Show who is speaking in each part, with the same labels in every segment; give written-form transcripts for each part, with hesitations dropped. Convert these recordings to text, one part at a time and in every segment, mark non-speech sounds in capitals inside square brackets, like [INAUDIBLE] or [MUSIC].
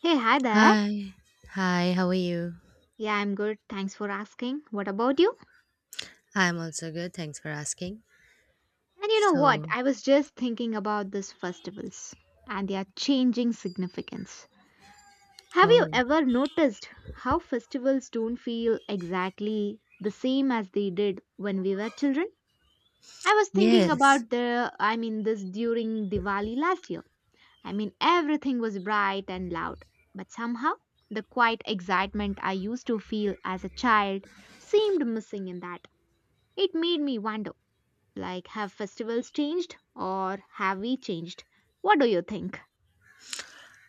Speaker 1: Hey, hi there.
Speaker 2: Hi. Hi, how are you?
Speaker 1: Yeah, I'm good. Thanks for asking. What about you?
Speaker 2: I'm also good. Thanks for asking.
Speaker 1: And you know what?
Speaker 2: So,
Speaker 1: I was just thinking about these festivals and their changing significance. Have you
Speaker 2: oh,
Speaker 1: ever noticed how festivals don't feel exactly the same as they did when we were children? I was thinking
Speaker 2: yes.
Speaker 1: about the, I mean, this during Diwali last year. I mean, everything was bright and loud, but somehow the quiet excitement I used to feel as a child seemed missing in that. It made me wonder like, have festivals changed or have we changed? What do you think?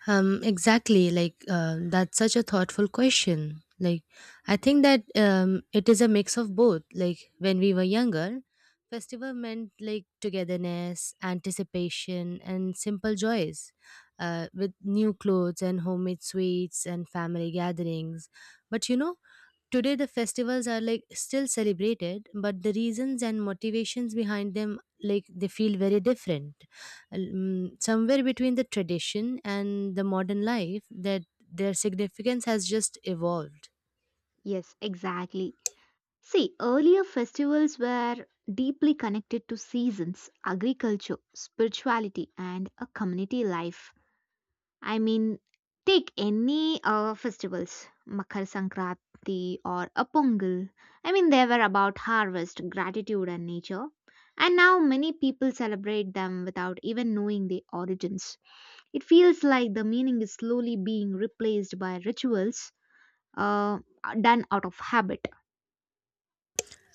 Speaker 2: Exactly, that's such a thoughtful question. I think that it is a mix of both. Like when we were younger, festival meant like togetherness, anticipation and simple joys. With new clothes and homemade sweets and family gatherings. But you know, today, the festivals are like still celebrated, but the reasons and motivations behind them like they feel very different. Somewhere between the tradition and the modern life, that their significance has just evolved.
Speaker 1: Yes, exactly. See, earlier festivals were deeply connected to seasons, agriculture, spirituality, and a community life. I mean, take any festivals, Makar Sankranti or a Pongal. I mean, they were about harvest, gratitude, and nature. And now many people celebrate them without even knowing the origins. It feels like the meaning is slowly being replaced by rituals uh, done out of habit.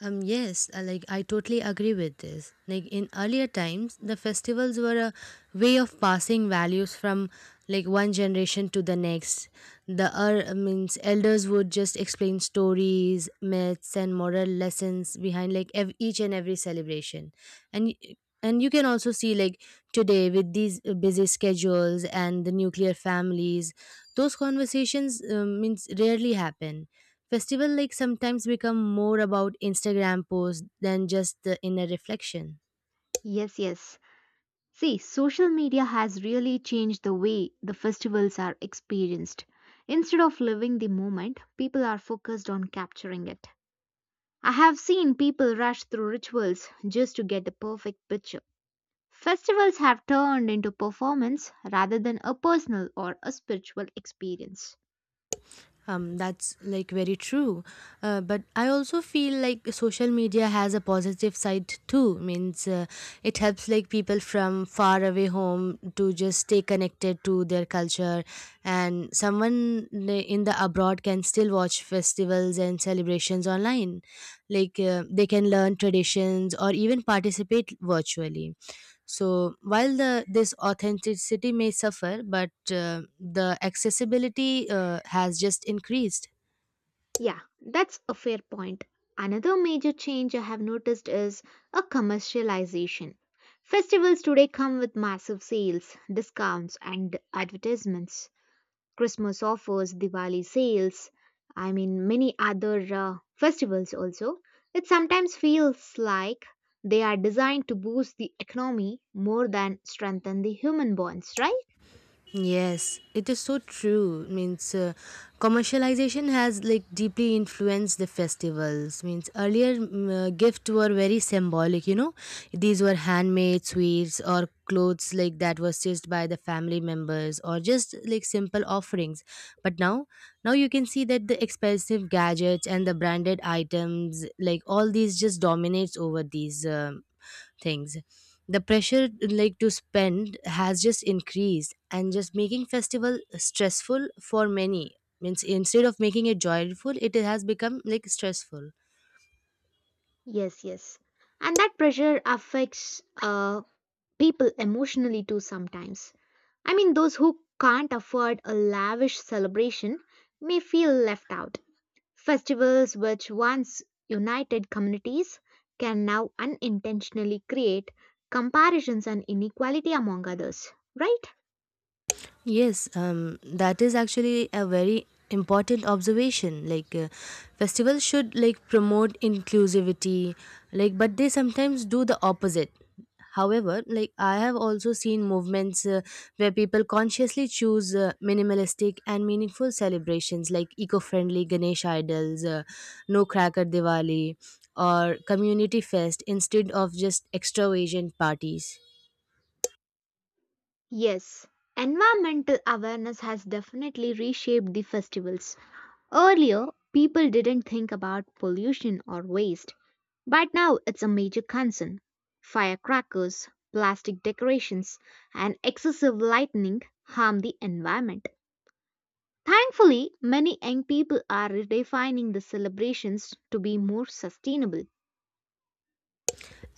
Speaker 2: Yes, I totally agree with this. Like in earlier times, the festivals were a way of passing values from like one generation to the next. The I means elders would just explain stories, myths, and moral lessons behind like each and every celebration, and. y- and you can also see, like today, with these busy schedules and the nuclear families, those conversations means rarely happen. Festival like sometimes become more about Instagram posts than just the inner reflection.
Speaker 1: Yes, yes. See, social media has really changed the way the festivals are experienced. Instead of living the moment, people are focused on capturing it. I have seen people rush through rituals just to get the perfect picture. Festivals have turned into performance rather than a personal or a spiritual experience.
Speaker 2: That's like very true. But I also feel like social media has a positive side too. Means it helps like people from far away home to just stay connected to their culture, and in the abroad can still watch festivals and celebrations online. Like they can learn traditions or even participate virtually, so while the this authenticity may suffer, but the accessibility has just increased.
Speaker 1: Yeah, that's a fair point. Another major change I have noticed is a commercialization. Festivals today come with massive sales, discounts, and advertisements. Christmas offers, Diwali sales, I mean, many other festivals also. It sometimes feels like they are designed to boost the economy more than strengthen the human bonds, right?
Speaker 2: Yes, it is so true. Means commercialization has like deeply influenced the festivals. Means earlier gifts were very symbolic. You know, these were handmade sweets or clothes like that were stitched by the family members or just like simple offerings. But now you can see that the expensive gadgets and the branded items like all these just dominates over these things. The pressure like to spend has just increased, and just making festival stressful for many. Means instead of making it joyful, it has become like stressful.
Speaker 1: Yes, yes. And that pressure affects people emotionally too sometimes. I mean, those who can't afford a lavish celebration may feel left out. Festivals, which once united communities, can now unintentionally create comparisons and inequality among others, right?
Speaker 2: Yes, that is actually a very important observation. Like, festivals should like promote inclusivity, like, but they sometimes do the opposite. However, like I have also seen movements, where people consciously choose minimalistic and meaningful celebrations like eco-friendly Ganesh idols, no cracker Diwali, or community fest instead of just extravagant parties.
Speaker 1: Yes, environmental awareness has definitely reshaped the festivals. Earlier, people didn't think about pollution or waste, but now it's a major concern. Firecrackers, plastic decorations, and excessive lighting harm the environment. Thankfully, many young people are redefining the celebrations to be more sustainable.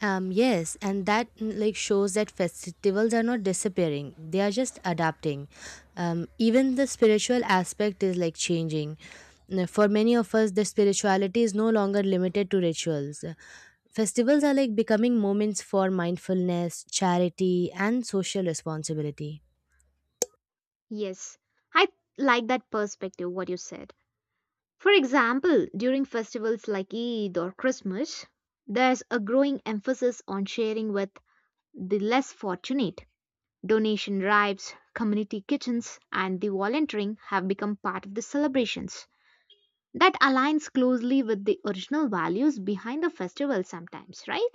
Speaker 2: Yes, and that like shows that festivals are not disappearing; they are just adapting. Even the spiritual aspect is like changing. For many of us, the spirituality is no longer limited to rituals. Festivals are like becoming moments for mindfulness, charity, and social responsibility.
Speaker 1: Yes, I like that perspective, what you said. For example, during festivals like Eid or Christmas, there's a growing emphasis on sharing with the less fortunate. Donation drives, community kitchens, and the volunteering have become part of the celebrations. That aligns closely with the original values behind the festival sometimes, right?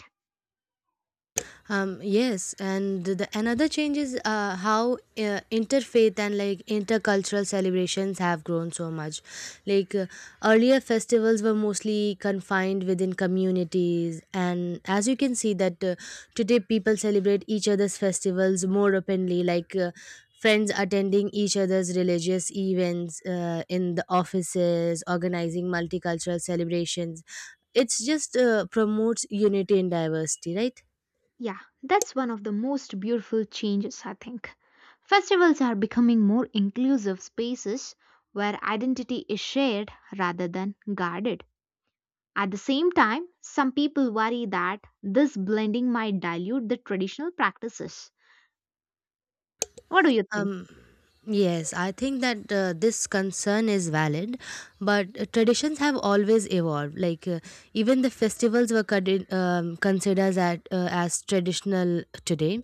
Speaker 2: Yes, and the another change is how interfaith and like intercultural celebrations have grown so much. Like earlier, festivals were mostly confined within communities, and as you can see that today people celebrate each other's festivals more openly, like friends attending each other's religious events in the offices, organizing multicultural celebrations. It's just promotes unity and diversity, right?
Speaker 1: Yeah, that's one of the most beautiful changes, I think. Festivals are becoming more inclusive spaces where identity is shared rather than guarded. At the same time, some people worry that this blending might dilute the traditional practices. What do you think?
Speaker 2: um Yes, I think that this concern is valid, but traditions have always evolved. Like even the festivals were considered as traditional today,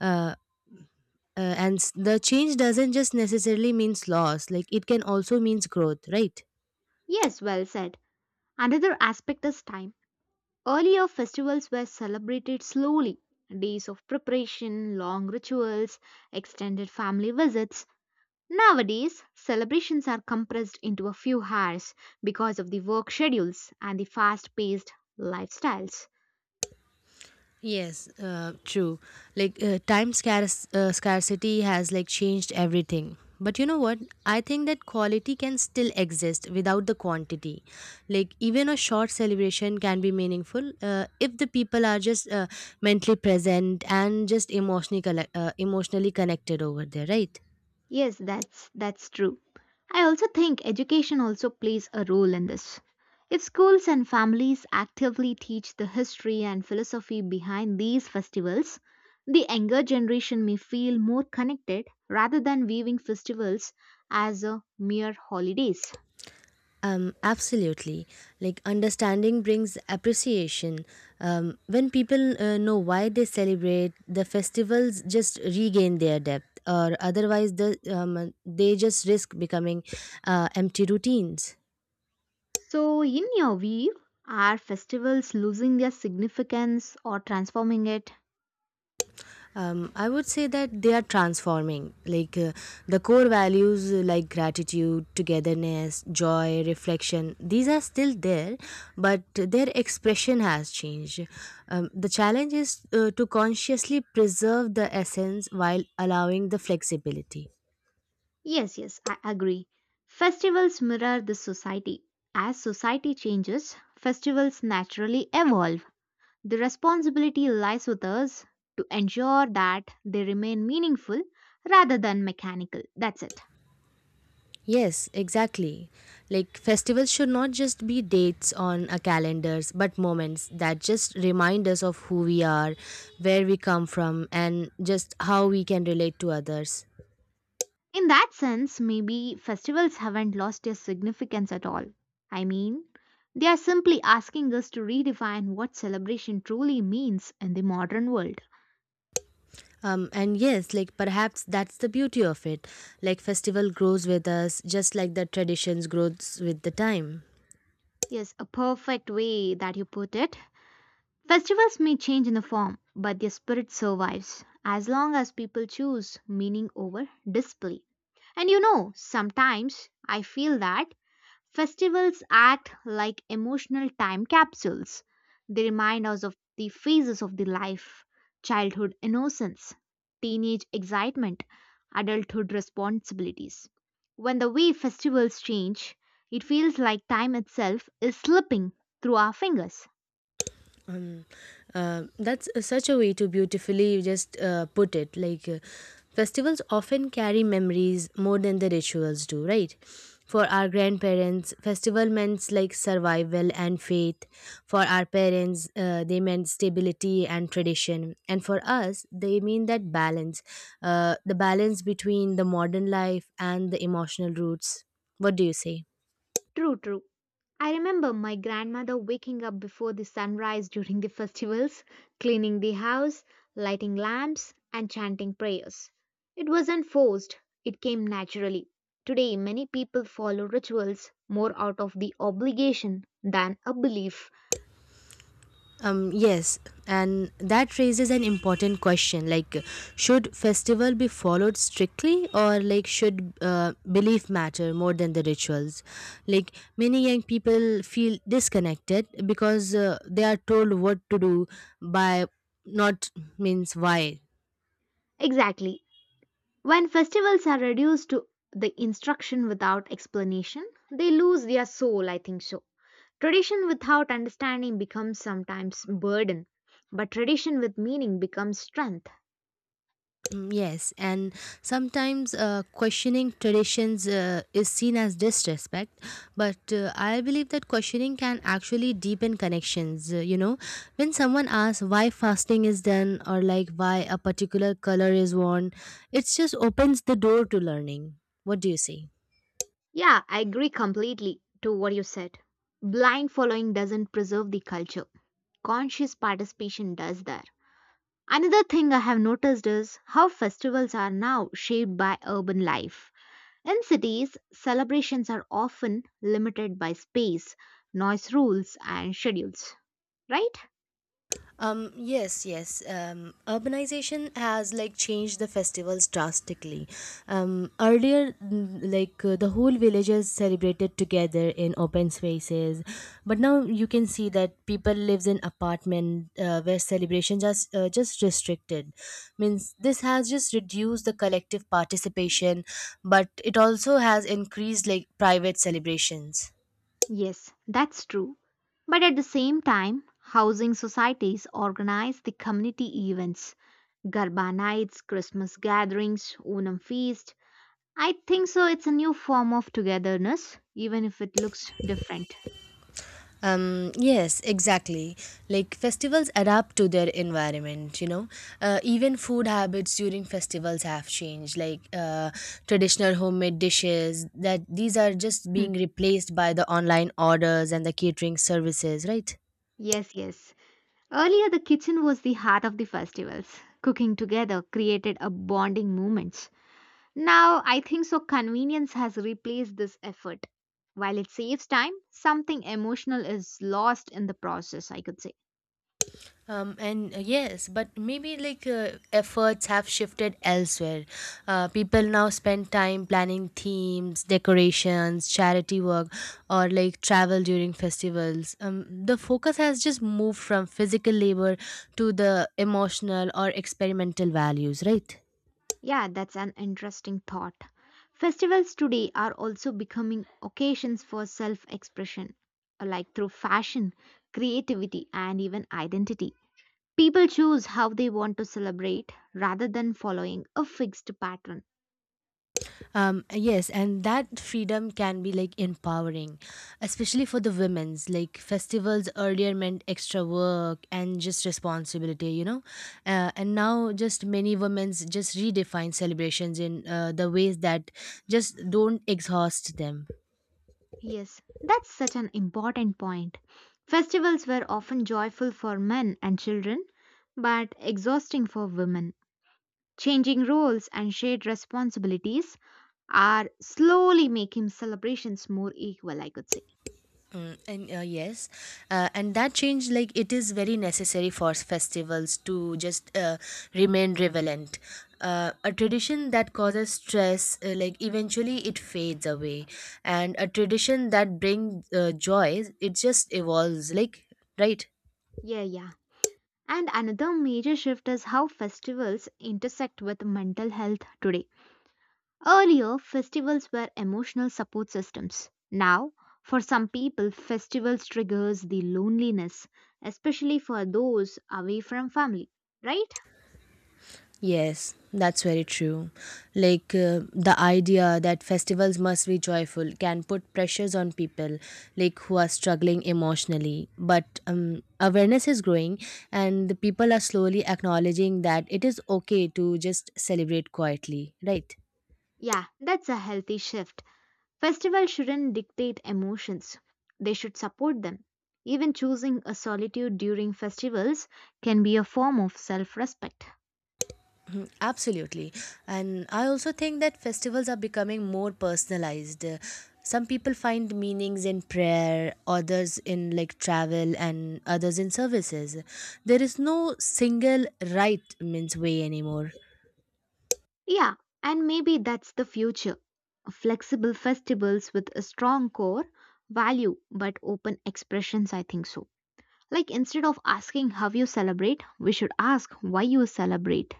Speaker 2: uh, the change doesn't just necessarily means loss. Like it can also means growth, right?
Speaker 1: Yes, well said. Another aspect is time. Earlier, festivals were celebrated slowly, days of preparation, long rituals, extended family visits. Nowadays, celebrations are compressed into a few hours because of the work schedules and the fast-paced lifestyles.
Speaker 2: Yes, true. Like time scarcity has like changed everything. But you know what? I think that quality can still exist without the quantity. Like even a short celebration can be meaningful if the people are just mentally present and just emotionally connected over there, right?
Speaker 1: Yes, that's true. I also think education also plays a role in this. If schools and families actively teach the history and philosophy behind these festivals, the younger generation may feel more connected rather than viewing festivals as a mere holidays.
Speaker 2: Absolutely. Like understanding brings appreciation. When people know why they celebrate, the festivals just regain their depth, or otherwise, they just risk becoming empty routines.
Speaker 1: So, in your view, are festivals losing their significance or transforming it?
Speaker 2: I would say that they are transforming, like the core values, like gratitude, togetherness, joy, reflection, these are still there, but their expression has changed. The challenge is to consciously preserve the essence while allowing the flexibility.
Speaker 1: Yes, yes, I agree. Festivals mirror the society. As society changes, festivals naturally evolve. The responsibility lies with us to ensure that they remain meaningful rather than mechanical. That's it.
Speaker 2: Yes, exactly. Like festivals should not just be dates on a calendars, but moments that just remind us of who we are, where we come from, and just how we can relate to others.
Speaker 1: In that sense, maybe festivals haven't lost their significance at all. I mean, they are simply asking us to redefine what celebration truly means in the modern world.
Speaker 2: And yes, like perhaps that's the beauty of it. Like festival grows with us, just like the traditions grows with the time.
Speaker 1: Yes, a perfect way that you put it. Festivals may change in the form, but their spirit survives as long as people choose meaning over display. And you know, sometimes I feel that festivals act like emotional time capsules. They remind us of the phases of the life, childhood innocence, teenage excitement, adulthood responsibilities. When the way festivals change, it feels like time itself is slipping through our fingers.
Speaker 2: um, that's such a way to beautifully just put it. Like festivals often carry memories more than the rituals do, right? For our grandparents, festival meant like survival and faith. For our parents, they meant stability and tradition, and for us they mean that balance, the balance between the modern life and the emotional roots. What do you say?
Speaker 1: True, true. I remember my grandmother waking up before the sunrise during the festivals, cleaning the house, lighting lamps, and chanting prayers. It wasn't forced, it came naturally. Today, many people follow rituals more out of the obligation than a belief.
Speaker 2: Yes, and that raises an important question, like should festival be followed strictly, or like should belief matter more than the rituals? Like many young people feel disconnected because they are told what to do by, not, means, why.
Speaker 1: Exactly. When festivals are reduced to the instruction without explanation, they lose their soul, I think so. Tradition without understanding becomes sometimes burden, but tradition with meaning becomes strength.
Speaker 2: Yes, and sometimes questioning traditions is seen as disrespect, but I believe that questioning can actually deepen connections. You know, when someone asks why fasting is done, or like why a particular color is worn, it just opens the door to learning. What do you say?
Speaker 1: Yeah, I agree completely to what you said. Blind following doesn't preserve the culture. Conscious participation does that. Another thing I have noticed is how festivals are now shaped by urban life. In cities, celebrations are often limited by space, noise rules, and schedules, right?
Speaker 2: Yes, yes. Urbanization has like changed the festivals drastically. Earlier, like the whole villages celebrated together in open spaces, but now you can see that people lives in apartment where celebrations are just restricted. Means this has just reduced the collective participation, but it also has increased like private celebrations.
Speaker 1: Yes, that's true. But at the same time, housing societies organize the community events, Garba nights, Christmas gatherings, Onam feast. I think so it's a new form of togetherness, even if it looks different.
Speaker 2: Yes, exactly. Like festivals adapt to their environment, you know. Even food habits during festivals have changed. Like traditional homemade dishes, that these are just
Speaker 1: Hmm.
Speaker 2: being replaced by the online orders and the catering services, right?
Speaker 1: Yes, yes. Earlier the kitchen was the heart of the festivals. Cooking together created a bonding moment. Now, I think so convenience has replaced this effort. While it saves time, something emotional is lost in the process, I could say.
Speaker 2: And Yes, but maybe like efforts have shifted elsewhere. People now spend time planning themes, decorations, charity work, or like travel during festivals. The focus has just moved from physical labor to the emotional or experimental values, right?
Speaker 1: Yeah, that's an interesting thought. Festivals today are also becoming occasions for self expression, like through fashion, creativity, and even identity. People choose how they want to celebrate rather than following a fixed pattern.
Speaker 2: Yes, and that freedom can be like empowering, especially for the women's. Like festivals earlier meant extra work and just responsibility, you know. And now, just many women's just redefine celebrations in the ways that just don't exhaust them.
Speaker 1: Yes, that's such an important point. Festivals were often joyful for men and children, but exhausting for women. Changing roles and shared responsibilities are slowly making celebrations more equal, I could say.
Speaker 2: Mm, and Yes, and that change, like it is very necessary for festivals to just remain relevant. A tradition that causes stress, like eventually it fades away, and a tradition that brings joy, it just evolves. Like right.
Speaker 1: Yeah, yeah. And another major shift is how festivals intersect with mental health today. Earlier, festivals were emotional support systems. Now, for some people, festivals triggers the loneliness, especially for those away from family, right?
Speaker 2: Yes, that's very true. Like the idea that festivals must be joyful can put pressures on people like who are struggling emotionally. But awareness is growing and the people are slowly acknowledging that it is okay to just celebrate quietly, right?
Speaker 1: Yeah, that's a healthy shift. Festivals shouldn't dictate emotions. They should support them. Even choosing a solitude during festivals can be a form of self-respect.
Speaker 2: Absolutely. And I also think that festivals are becoming more personalized. Some people find meanings in prayer, others in like travel, and others in services. There is no single right means way anymore.
Speaker 1: Yeah, and maybe that's the future. Flexible festivals with a strong core value but open expressions, I think so. Like instead of asking how you celebrate, we should ask why you celebrate.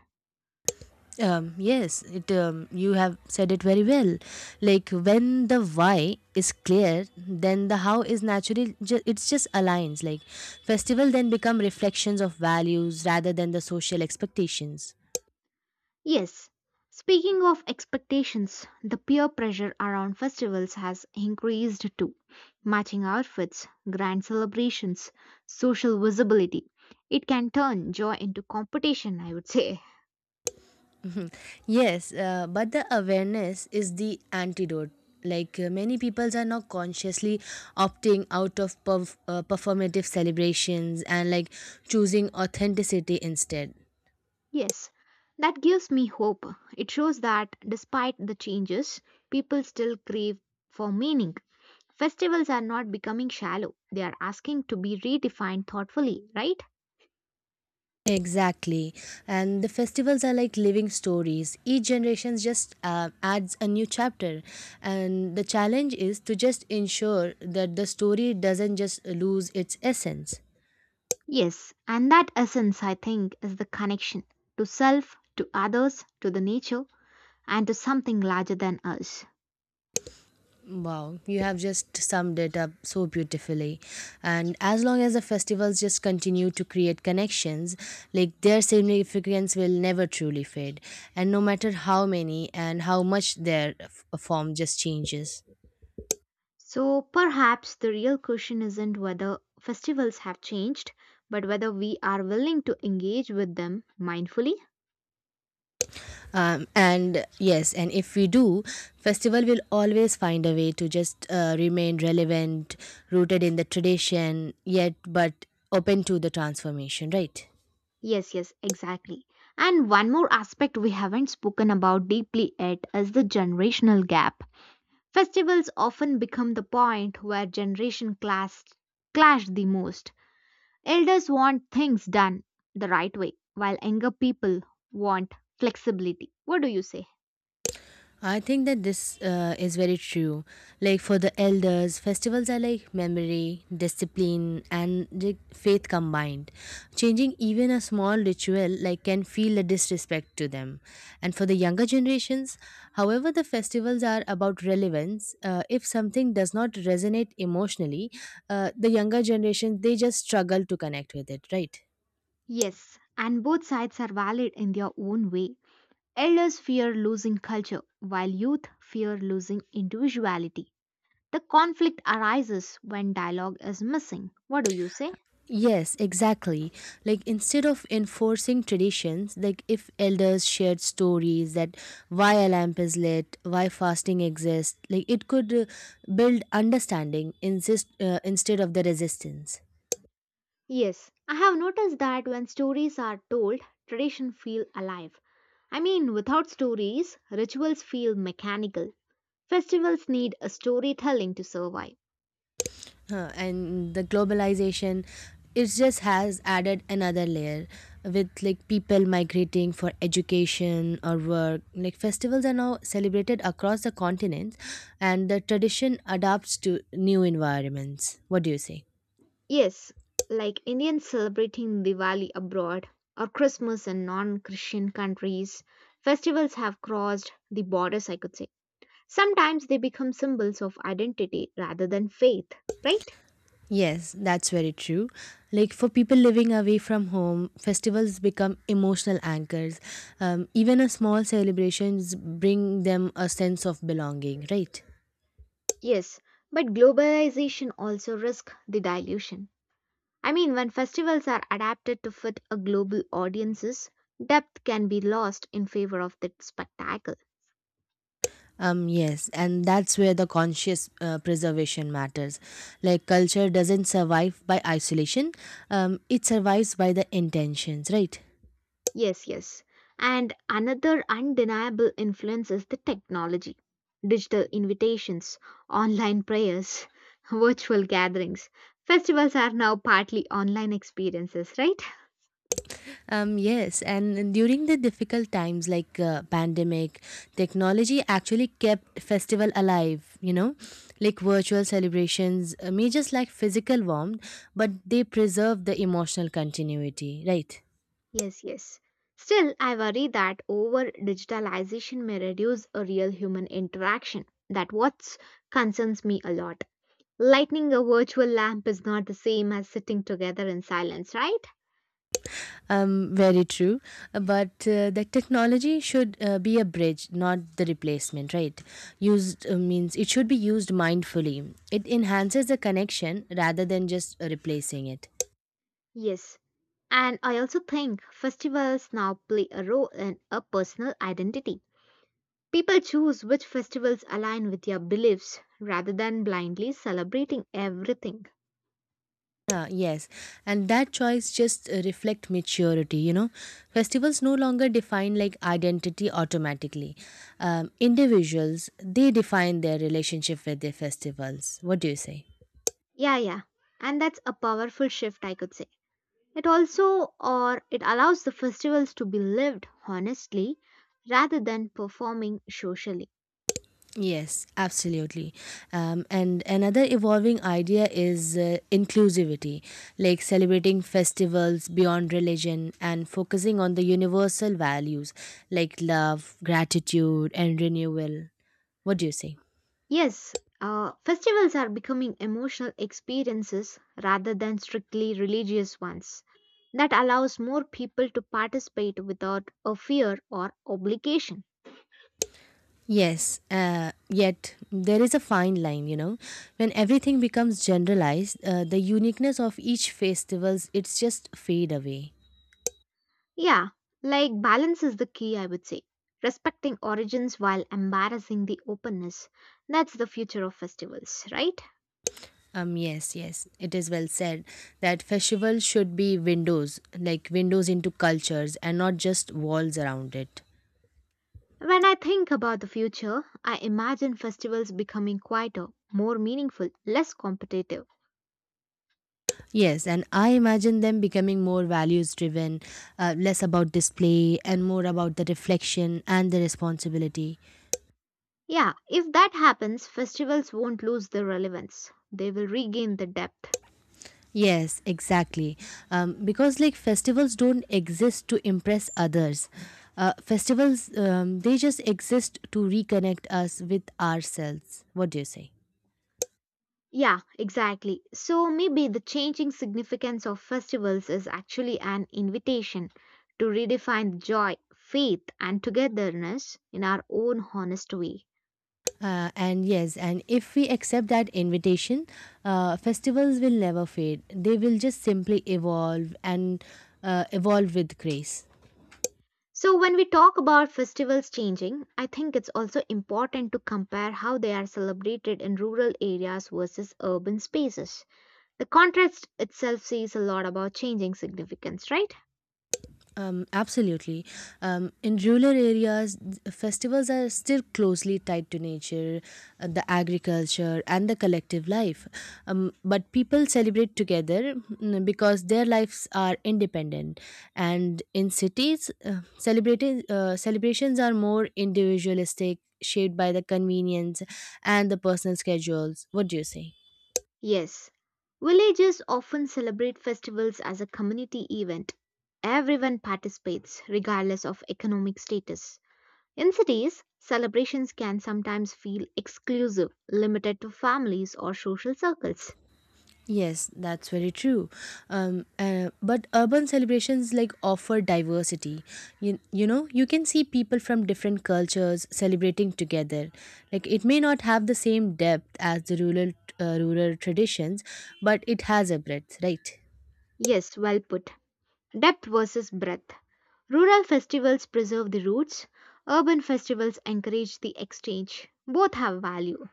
Speaker 2: Yes, it you have said it very well. Like when the why is clear, then the how is it's just aligns. Like festival then become reflections of values rather than the social expectations.
Speaker 1: Yes. Speaking of expectations, the peer pressure around festivals has increased too. Matching outfits, grand celebrations, social visibility. It can turn joy into competition, I would say.
Speaker 2: [LAUGHS] Mhm. Yes, but the awareness is the antidote. Like many people are now consciously opting out of performative celebrations and like choosing authenticity instead.
Speaker 1: Yes, that gives me hope. It shows that despite the changes, people still crave for meaning. Festivals are not becoming shallow, they are asking to be redefined thoughtfully, right?
Speaker 2: Exactly. And the festivals are like living stories. Each generation just adds a new chapter. And the challenge is to just ensure that the story doesn't just lose its essence.
Speaker 1: Yes, and that essence, I think, is the connection to self, to others, to the nature, and to something larger than us.
Speaker 2: Wow, you have just summed it up so beautifully. And as long as the festivals just continue to create connections, like their significance will never truly fade. And no matter how many and how much their form just changes.
Speaker 1: So perhaps the real question isn't whether festivals have changed, but whether we are willing to engage with them mindfully.
Speaker 2: And yes, and if we do, festival will always find a way to just remain relevant, rooted in the tradition, yet but open to the transformation, right?
Speaker 1: Yes, yes, exactly. And one more aspect we haven't spoken about deeply yet is the generational gap. Festivals often become the point where generation clash the most. Elders want things done the right way, while younger people want flexibility. What do you say?
Speaker 2: I think that this is very true. Like for the elders, festivals are like memory, discipline, and the faith combined. Changing even a small ritual like can feel a disrespect to them. And for the younger generations, however, the festivals are about relevance. If something does not resonate emotionally, the younger generation they just struggle to connect with it, right?
Speaker 1: Yes, and both sides are valid in their own way. Elders fear losing culture, while youth fear losing individuality. The conflict arises when dialogue is missing. What do you say?
Speaker 2: Yes, exactly. Like instead of enforcing traditions, like if elders shared stories that why a lamp is lit, why fasting exists, like it could build understanding instead of the resistance.
Speaker 1: Yes, I have noticed that when stories are told, tradition feel alive. I mean, without stories, rituals feel mechanical. Festivals need a storytelling to survive.
Speaker 2: And the globalization it just has added another layer with like people migrating for education or work, like festivals are now celebrated across the continents and the tradition adapts to new environments. What do you say?
Speaker 1: Yes, like Indians celebrating Diwali abroad or Christmas in non-Christian countries, festivals have crossed the borders, I could say. Sometimes they become symbols of identity rather than faith, right?
Speaker 2: Yes, that's very true. Like for people living away from home, festivals become emotional anchors. Even a small celebrations bring them a sense of belonging, right?
Speaker 1: Yes, but globalization also risks the dilution. I mean, when festivals are adapted to fit a global audiences, depth can be lost in favor of the spectacle.
Speaker 2: Yes, and that's where the conscious preservation matters. Like culture doesn't survive by isolation, it survives by the intentions, right?
Speaker 1: Yes, yes. And another undeniable influence is the technology. Digital invitations, online prayers, [LAUGHS] virtual gatherings. Festivals are now partly online experiences, right?
Speaker 2: Yes, and during the difficult times like pandemic, technology actually kept festival alive, like virtual celebrations, may just like physical warmth, but they preserve the emotional continuity, right?
Speaker 1: Yes, yes. Still, I worry that over digitalization may reduce a real human interaction. That what concerns me a lot. Lighting a virtual lamp is not the same as sitting together in silence, right?
Speaker 2: Very true. But the technology should be a bridge, not the replacement, right? Used means It should be used mindfully. It enhances the connection rather than just replacing it.
Speaker 1: Yes. And I also think festivals now play a role in a personal identity. People choose which festivals align with their beliefs rather than blindly celebrating everything.
Speaker 2: Yeah, yes, and that choice just reflect maturity. You know, festivals no longer define like identity automatically. Individuals they define their relationship with their festivals. What do you say?
Speaker 1: Yeah, yeah. And that's a powerful shift, I could say. It also or it allows the festivals to be lived honestly rather than performing socially.
Speaker 2: Yes, absolutely. And another evolving idea is inclusivity, like celebrating festivals beyond religion and focusing on the universal values like love, gratitude, and renewal. What do you say?
Speaker 1: Yes, festivals are becoming emotional experiences rather than strictly religious ones. That allows more people to participate without a fear or obligation.
Speaker 2: Yes, yet there is a fine line, you know. When everything becomes generalized, the uniqueness of each festivals it's just fade away.
Speaker 1: Yeah, like balance is the key, I would say. Respecting origins while embarrassing the openness. That's the future of festivals, right?
Speaker 2: Yes, yes, it is well said that festivals should be windows, like windows into cultures and not just walls around it.
Speaker 1: When I think about the future, I imagine festivals becoming quieter, more meaningful, less competitive.
Speaker 2: Yes, and I imagine them becoming more values driven, less about display and more about the reflection and the responsibility.
Speaker 1: Yeah, if that happens, festivals won't lose their relevance. They will regain the depth.
Speaker 2: Yes, exactly. Because like festivals don't exist to impress others. Festivals, they just exist to reconnect us with ourselves. What do you say?
Speaker 1: Yeah, exactly. So maybe the changing significance of festivals is actually an invitation to redefine joy, faith, and togetherness in our own honest way.
Speaker 2: And yes, and if we accept that invitation, festivals will never fade. They will just simply evolve and evolve with grace.
Speaker 1: So, when we talk about festivals changing, I think it's also important to compare how they are celebrated in rural areas versus urban spaces. The contrast itself says a lot about changing significance, right?
Speaker 2: Absolutely. In rural areas, festivals are still closely tied to nature, the agriculture, and the collective life. But people celebrate together because their lives are independent. And in cities, celebrations are more individualistic, shaped by the convenience and the personal schedules. What do you say?
Speaker 1: Yes. Villages often celebrate festivals as a community event. Everyone participates, regardless of economic status. In cities, celebrations can sometimes feel exclusive, limited to families or social circles.
Speaker 2: Yes, that's very true. But urban celebrations like offer diversity. You know, you can see people from different cultures celebrating together. Like it may not have the same depth as the rural rural traditions, but it has a breadth, right?
Speaker 1: Yes, well put. Depth versus breadth. Rural festivals preserve the roots, urban festivals encourage the exchange. Both have value.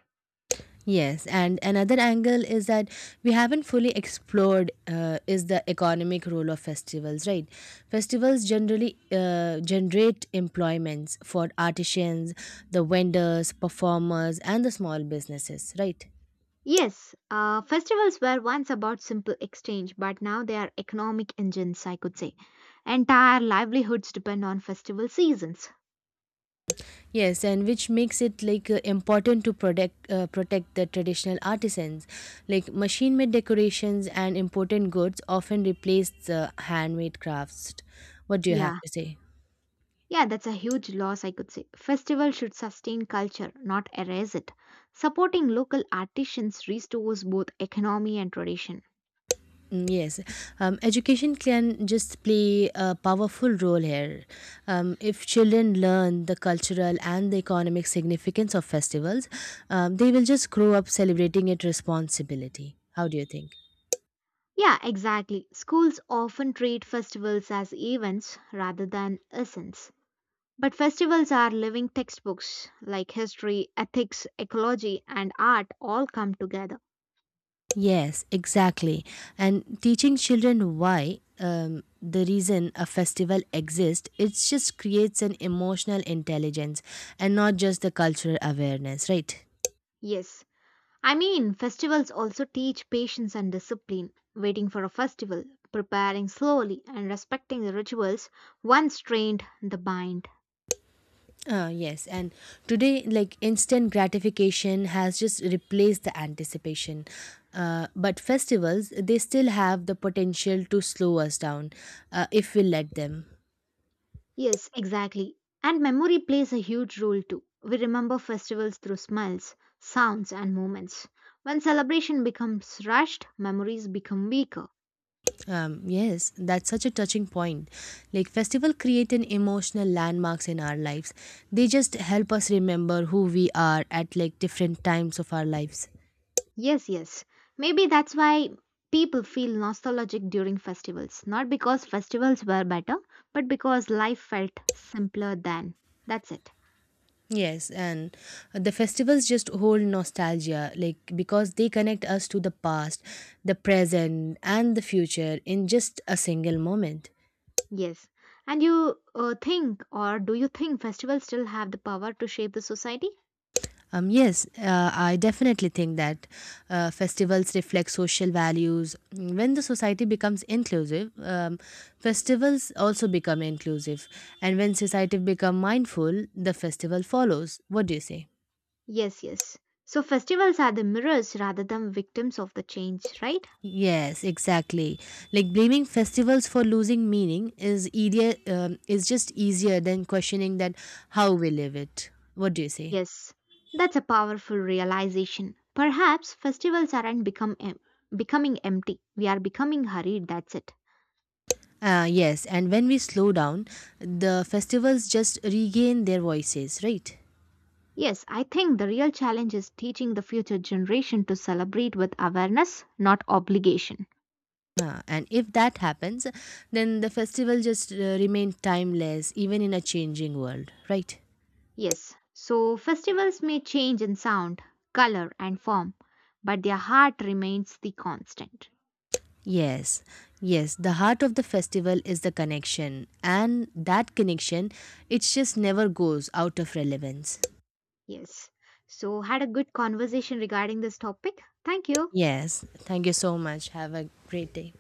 Speaker 2: Yes, and another angle is that we haven't fully explored is the economic role of festivals, right? Festivals generally generate employments for artisans, the vendors, performers, and the small businesses, right?
Speaker 1: Yes, festivals were once about simple exchange, but now they are economic engines, I could say. Entire livelihoods depend on festival seasons.
Speaker 2: Yes, and which makes it like important to protect the traditional artisans. Like machine-made decorations and important goods often replace the handmade crafts. What do you have
Speaker 1: Yeah,
Speaker 2: to say?
Speaker 1: yeah, that's a huge loss, I could say. Festival should sustain culture, not erase it. Supporting local artisans restores both economy and tradition.
Speaker 2: Yes, education can just play a powerful role here. If children learn the cultural and the economic significance of festivals, they will just grow up celebrating it responsibility. How do you think?
Speaker 1: Yeah, exactly. Schools often treat festivals as events rather than essence. But festivals are living textbooks like history, ethics, ecology, and art all come together.
Speaker 2: Yes, exactly. And teaching children why the reason a festival exists, it just creates an emotional intelligence and not just the cultural awareness, right?
Speaker 1: Yes. I mean, festivals also teach patience and discipline. Waiting for a festival, preparing slowly, and respecting the rituals once trained the mind.
Speaker 2: Yes, and today, like instant gratification has just replaced the anticipation. But festivals, they still have the potential to slow us down if we let them.
Speaker 1: Yes, exactly. And memory plays a huge role too. We remember festivals through smells, sounds, and moments. When celebration becomes rushed, memories become weaker.
Speaker 2: Yes, that's such a touching point. Like festival create an emotional landmarks in our lives. They just help us remember who we are at like different times of our lives.
Speaker 1: Yes, yes. Maybe that's why people feel nostalgic during festivals. Not because festivals were better, but because life felt simpler then. That's it.
Speaker 2: Yes, and the festivals just hold nostalgia, like because they connect us to the past, the present, and the future in just a single moment.
Speaker 1: Yes. And you think, or do you think festivals still have the power to shape the society?
Speaker 2: Yes, I definitely think that festivals reflect social values. When the society becomes inclusive, festivals also become inclusive, and when society become mindful, the festival follows. What do you say?
Speaker 1: Yes, yes. So festivals are the mirrors rather than victims of the change, right?
Speaker 2: Yes, exactly. Like blaming festivals for losing meaning is easier, is just easier than questioning that how we live it. What do you say?
Speaker 1: Yes. That's a powerful realization. Perhaps festivals aren't becoming empty. We are becoming hurried, that's it.
Speaker 2: Yes, and when we slow down, the festivals just regain their voices, right?
Speaker 1: Yes, I think the real challenge is teaching the future generation to celebrate with awareness, not obligation.
Speaker 2: And if that happens, then the festival just remain timeless even in a changing world, right?
Speaker 1: Yes. So festivals may change in sound, color and form, but their heart remains the constant.
Speaker 2: Yes, yes, the heart of the festival is the connection, and that connection, it just never goes out of relevance.
Speaker 1: Yes. So, had a good conversation regarding this topic. Thank you.
Speaker 2: Yes, thank you so much. Have a great day.